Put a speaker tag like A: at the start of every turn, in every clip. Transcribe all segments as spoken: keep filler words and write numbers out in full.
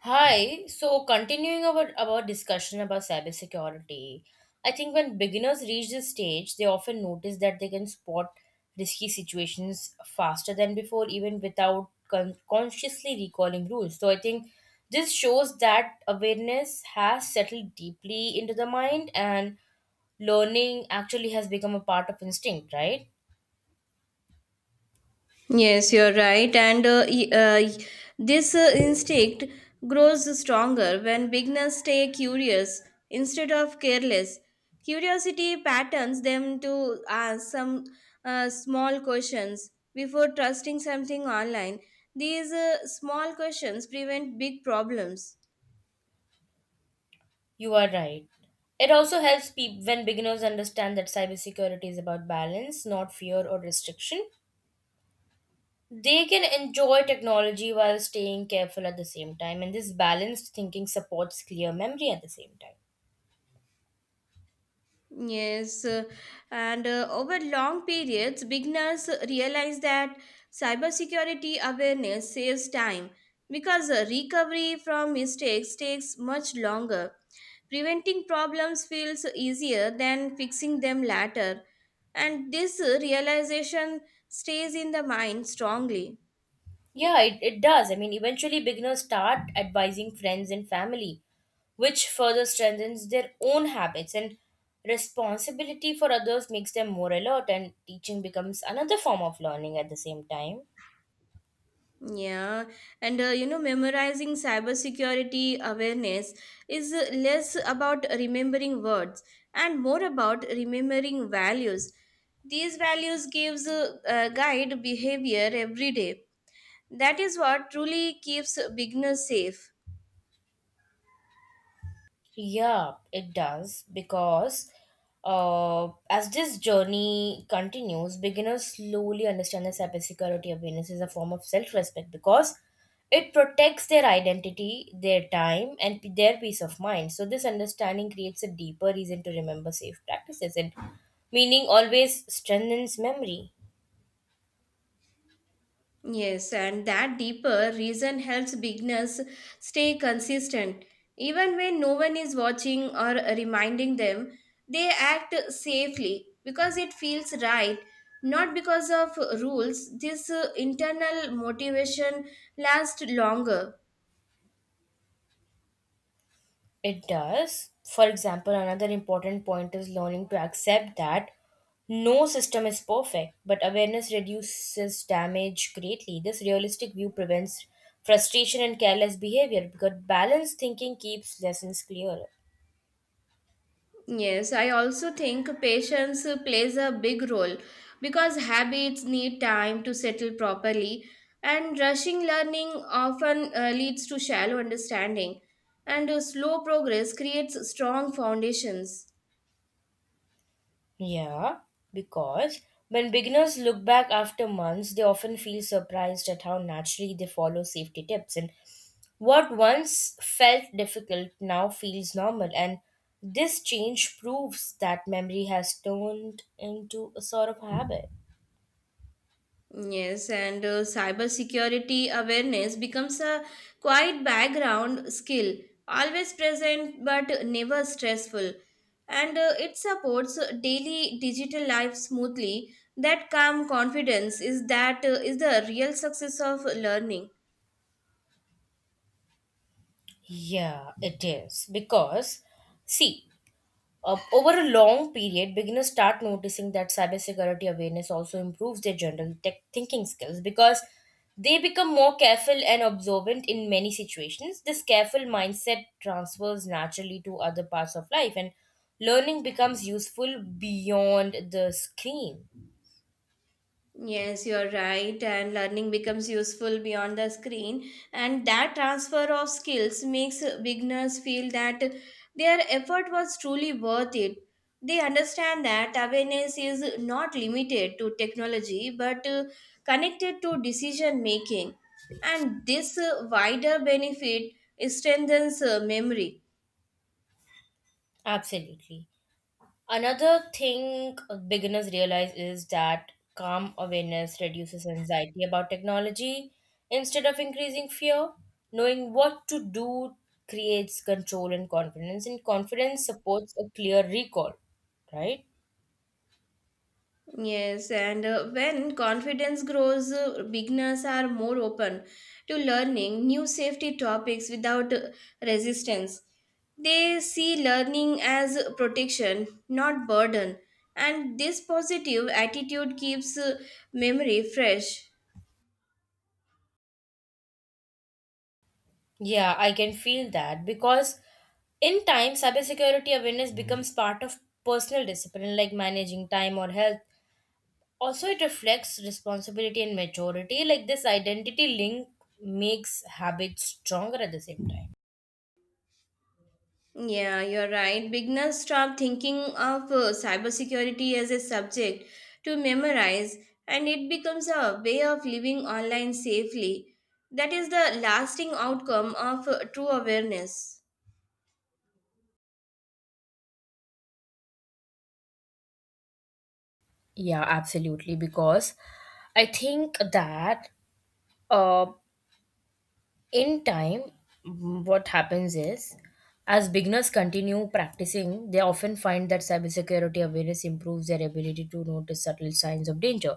A: Hi, so continuing our, our discussion about cybersecurity, I think when beginners reach this stage, they often notice that they can spot risky situations faster than before, even without con- consciously recalling rules. So I think this shows that awareness has settled deeply into the mind, and learning actually has become a part of instinct, right?
B: Yes, you're right. And uh, y- uh, y- this uh, Instinct grows stronger when beginners stay curious instead of careless. Curiosity patterns them to ask some uh, small questions before trusting something online. These uh, small questions prevent big problems.
A: You are right. It also helps people when beginners understand that cybersecurity is about balance, not fear or restriction. They can enjoy technology while staying careful at the same time, and this balanced thinking supports clear memory at the same time.
B: Yes, uh, and uh, Over long periods, beginners realize that cybersecurity awareness saves time because uh, recovery from mistakes takes much longer. Preventing problems feels easier than fixing them later, and this uh, realization stays in the mind strongly.
A: Yeah, it, it does. I mean, eventually, beginners start advising friends and family, which further strengthens their own habits, and responsibility for others makes them more alert, and teaching becomes another form of learning at the same time.
B: Yeah, and uh, you know, memorizing cybersecurity awareness is uh, less about remembering words and more about remembering values. These values gives uh, uh, guide behavior every day. That is what truly keeps beginners safe.
A: Yeah, it does because uh, as this journey continues, beginners slowly understand that cybersecurity awareness is a form of self-respect because it protects their identity, their time, and p- their peace of mind. So this understanding creates a deeper reason to remember safe practices, and meaning always strengthens memory.
B: Yes, and that deeper reason helps beginners stay consistent. Even when no one is watching or reminding them, they act safely because it feels right, not because of rules. This uh, internal motivation lasts longer.
A: It does. For example, another important point is learning to accept that no system is perfect, but awareness reduces damage greatly. This realistic view prevents frustration and careless behavior because balanced thinking keeps lessons clearer.
B: Yes, I also think patience uh, plays a big role because habits need time to settle properly, and rushing learning often uh, leads to shallow understanding, and uh, slow progress creates strong foundations.
A: Yeah, because when beginners look back after months, they often feel surprised at how naturally they follow safety tips. And what once felt difficult now feels normal. And this change proves that memory has turned into a sort of habit.
B: Yes, and uh, cybersecurity awareness becomes a quite background skill, always present but never stressful. And uh, It supports daily digital life smoothly. That calm confidence is that uh, is the real success of learning.
A: Yeah, it is. Because, see, Uh, over a long period, beginners start noticing that cybersecurity awareness also improves their general tech thinking skills because they become more careful and observant in many situations. This careful mindset transfers naturally to other parts of life, and learning becomes useful beyond the screen.
B: Yes, you're right. And learning becomes useful beyond the screen. And that transfer of skills makes beginners feel that their effort was truly worth it. They understand that awareness is not limited to technology but uh, connected to decision making. And this uh, wider benefit strengthens uh, memory.
A: Absolutely. Another thing beginners realize is that calm awareness reduces anxiety about technology. Instead of increasing fear, knowing what to do creates control and confidence, and confidence supports a clear recall, right?
B: Yes, and uh, when confidence grows, uh, beginners are more open to learning new safety topics without uh, resistance. They see learning as protection, not burden, and this positive attitude keeps uh, memory fresh.
A: Yeah, I can feel that because in time, cybersecurity awareness becomes part of personal discipline, like managing time or health. Also, it reflects responsibility and maturity, like this identity link makes habits stronger at the same time.
B: Yeah, you're right. Beginners stop thinking of uh, cybersecurity as a subject to memorize, and it becomes a way of living online safely. That is the lasting outcome of uh, true awareness.
A: Yeah, absolutely, because I think that uh, in time, mm, what happens is, as beginners continue practicing, they often find that cybersecurity awareness improves their ability to notice subtle signs of danger,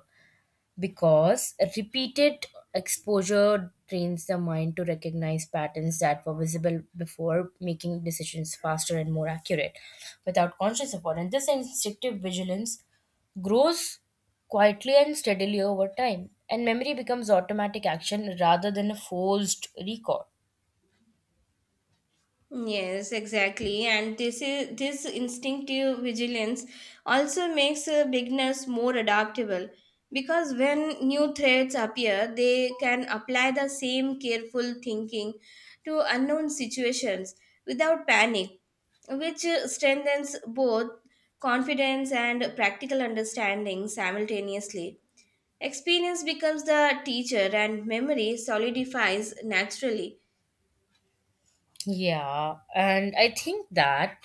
A: because repeated exposure trains the mind to recognize patterns that were visible before, making decisions faster and more accurate without conscious effort. And this instinctive vigilance grows quietly and steadily over time, and memory becomes automatic action rather than a forced recall.
B: Yes, exactly. And this is this instinctive vigilance also makes uh, beginners more adaptable because when new threats appear, they can apply the same careful thinking to unknown situations without panic, which uh, strengthens both confidence and practical understanding simultaneously. Experience becomes the teacher, and memory solidifies naturally.
A: Yeah, and I think that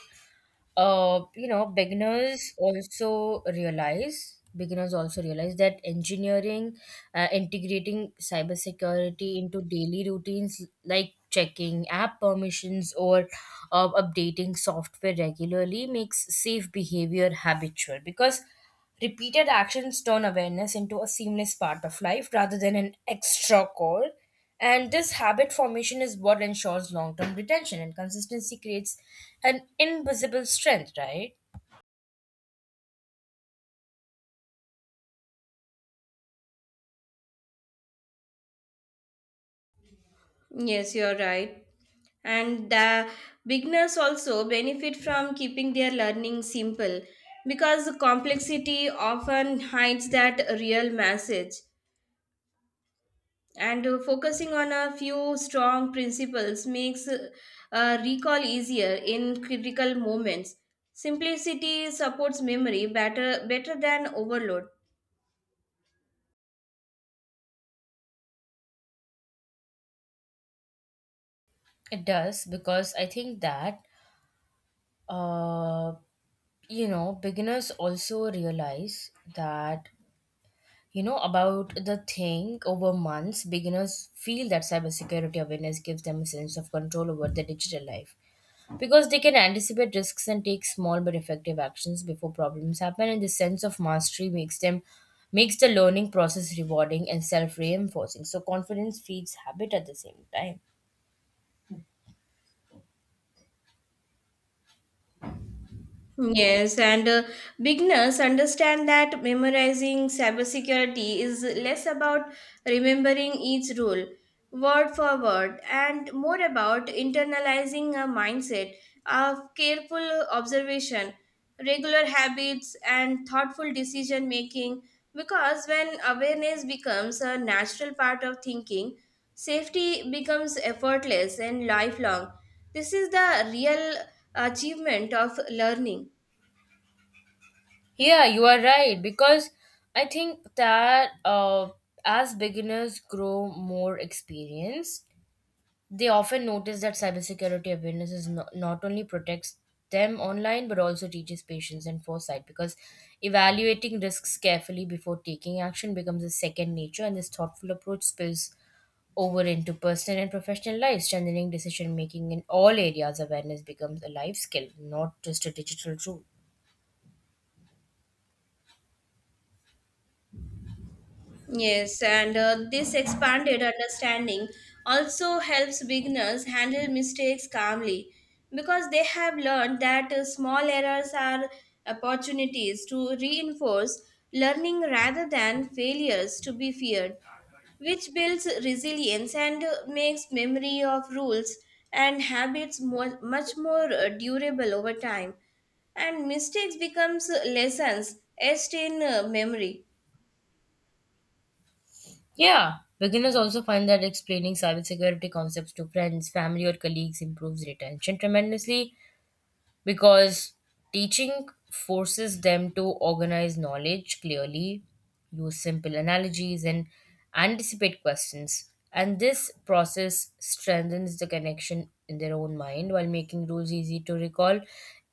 A: uh, you know, beginners also realize beginners also realize that engineering uh, integrating cybersecurity into daily routines like checking app permissions or uh, updating software regularly makes safe behavior habitual, because repeated actions turn awareness into a seamless part of life rather than an extra core, and this habit formation is what ensures long term retention, and consistency creates an invisible strength, right?
B: Yes, you're right. and the beginners also benefit from keeping their learning simple because the complexity often hides that real message, and uh, focusing on a few strong principles makes uh, uh, recall easier in critical moments. Simplicity supports memory better better than overload.
A: It does, because I think that uh you know, beginners also realize that you know about the thing over months, beginners feel that cybersecurity awareness gives them a sense of control over their digital life, because they can anticipate risks and take small but effective actions before problems happen, and the sense of mastery makes them makes the learning process rewarding and self-reinforcing, so confidence feeds habit at the same time.
B: Yes, and uh, beginners understand that memorizing cybersecurity is less about remembering each rule word for word and more about internalizing a mindset of careful observation, regular habits, and thoughtful decision making. Because when awareness becomes a natural part of thinking, safety becomes effortless and lifelong. This is the real achievement of learning.
A: Yeah, you are right, because I think that uh, as beginners grow more experience, they often notice that cybersecurity awareness is not, not only protects them online but also teaches patience and foresight, because evaluating risks carefully before taking action becomes a second nature, and this thoughtful approach spills over into personal and professional life, strengthening decision making in all areas. Awareness becomes a life skill, not just a digital tool.
B: Yes, and uh, this expanded understanding also helps beginners handle mistakes calmly because they have learned that uh, small errors are opportunities to reinforce learning rather than failures to be feared, which builds resilience and uh, makes memory of rules and habits more, much more uh, durable over time, and mistakes becomes lessons etched in uh, memory.
A: Yeah, beginners also find that explaining cybersecurity concepts to friends, family, or colleagues improves retention tremendously, because teaching forces them to organize knowledge clearly, use simple analogies, and anticipate questions. And this process strengthens the connection in their own mind while making rules easy to recall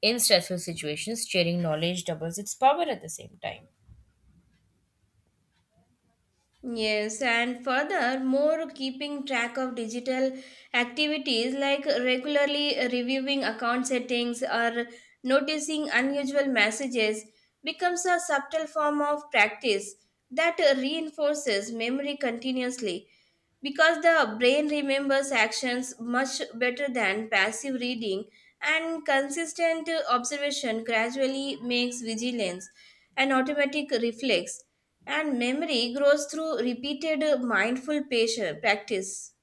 A: in stressful situations. Sharing knowledge doubles its power at the same time.
B: Yes, and furthermore, keeping track of digital activities like regularly reviewing account settings or noticing unusual messages becomes a subtle form of practice that reinforces memory continuously, because the brain remembers actions much better than passive reading, and consistent observation gradually makes vigilance an automatic reflex, and memory grows through repeated, mindful, patient practice.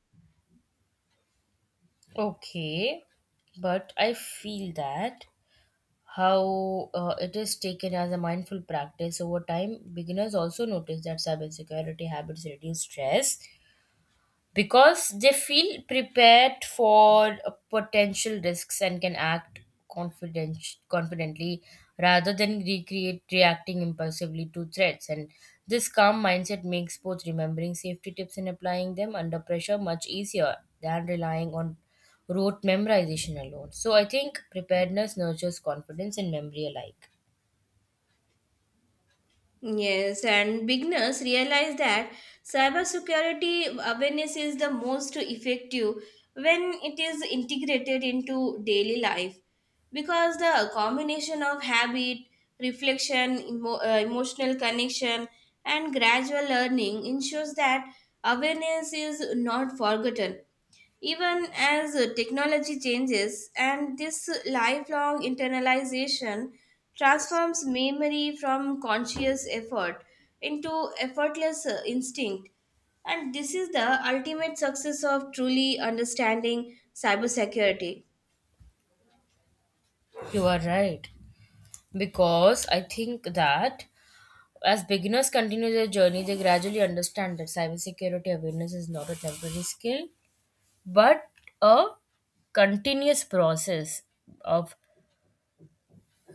A: Okay, but I feel that how uh, it is taken as a mindful practice over time, beginners also notice that cybersecurity habits reduce stress because they feel prepared for uh, potential risks and can act confident confidently rather than recreate reacting impulsively to threats, and this calm mindset makes both remembering safety tips and applying them under pressure much easier than relying on rote memorization alone. So I think preparedness nurtures confidence and memory alike.
B: Yes, and beginners realize that cybersecurity awareness is the most effective when it is integrated into daily life, because the combination of habit, reflection, emo- uh, emotional connection, and gradual learning ensures that awareness is not forgotten even as uh, technology changes, and this lifelong internalization transforms memory from conscious effort into effortless uh, instinct. And this is the ultimate success of truly understanding cybersecurity.
A: You are right, because I think that As beginners continue their journey, they gradually understand that cybersecurity awareness is not a temporary skill, but a continuous process of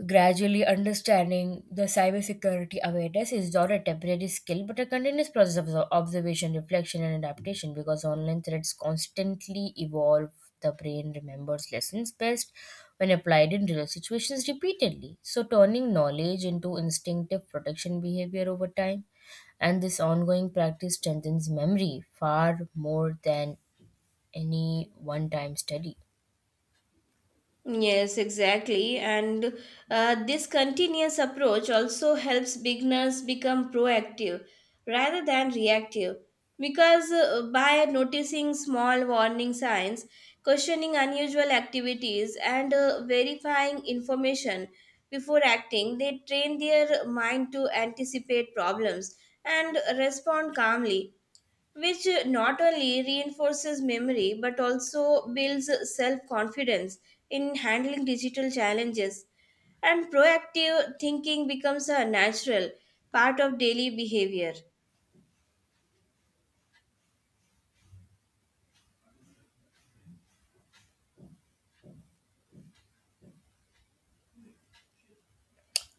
A: Gradually understanding the cybersecurity awareness is not a temporary skill but a continuous process of obs- observation, reflection, and adaptation, because online threats constantly evolve. The brain remembers lessons best when applied in real situations repeatedly, so turning knowledge into instinctive protection behavior over time. And this ongoing practice strengthens memory far more than any one time study.
B: Yes, exactly. And uh, this continuous approach also helps beginners become proactive rather than reactive. Because uh, by noticing small warning signs, questioning unusual activities, and uh, verifying information before acting, they train their mind to anticipate problems and respond calmly, which uh, not only reinforces memory but also builds self confidence in handling digital challenges. And proactive thinking becomes a natural part of daily behavior.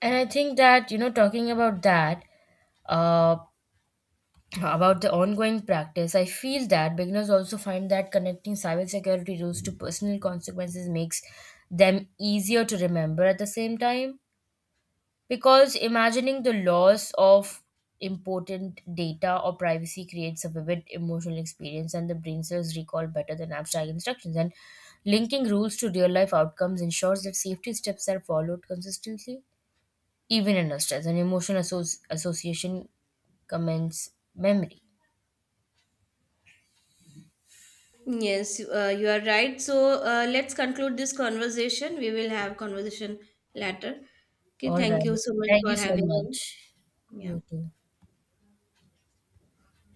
A: And I think that, you know, talking about that, uh, about the ongoing practice, I feel that beginners also find that connecting cybersecurity rules to personal consequences makes them easier to remember at the same time. Because imagining the loss of important data or privacy creates a vivid emotional experience, and the brain cells recall better than abstract instructions. And linking rules to real life outcomes ensures that safety steps are followed consistently, even under stress, and emotional associ- association commends memory.
B: Yes, uh, you are right. So uh, let's conclude this conversation. We will have conversation later. Okay,
A: All
B: thank you
A: right.
B: so much
A: Thank
B: for
A: you so
B: having me.
A: much.
B: Yeah.
A: You too.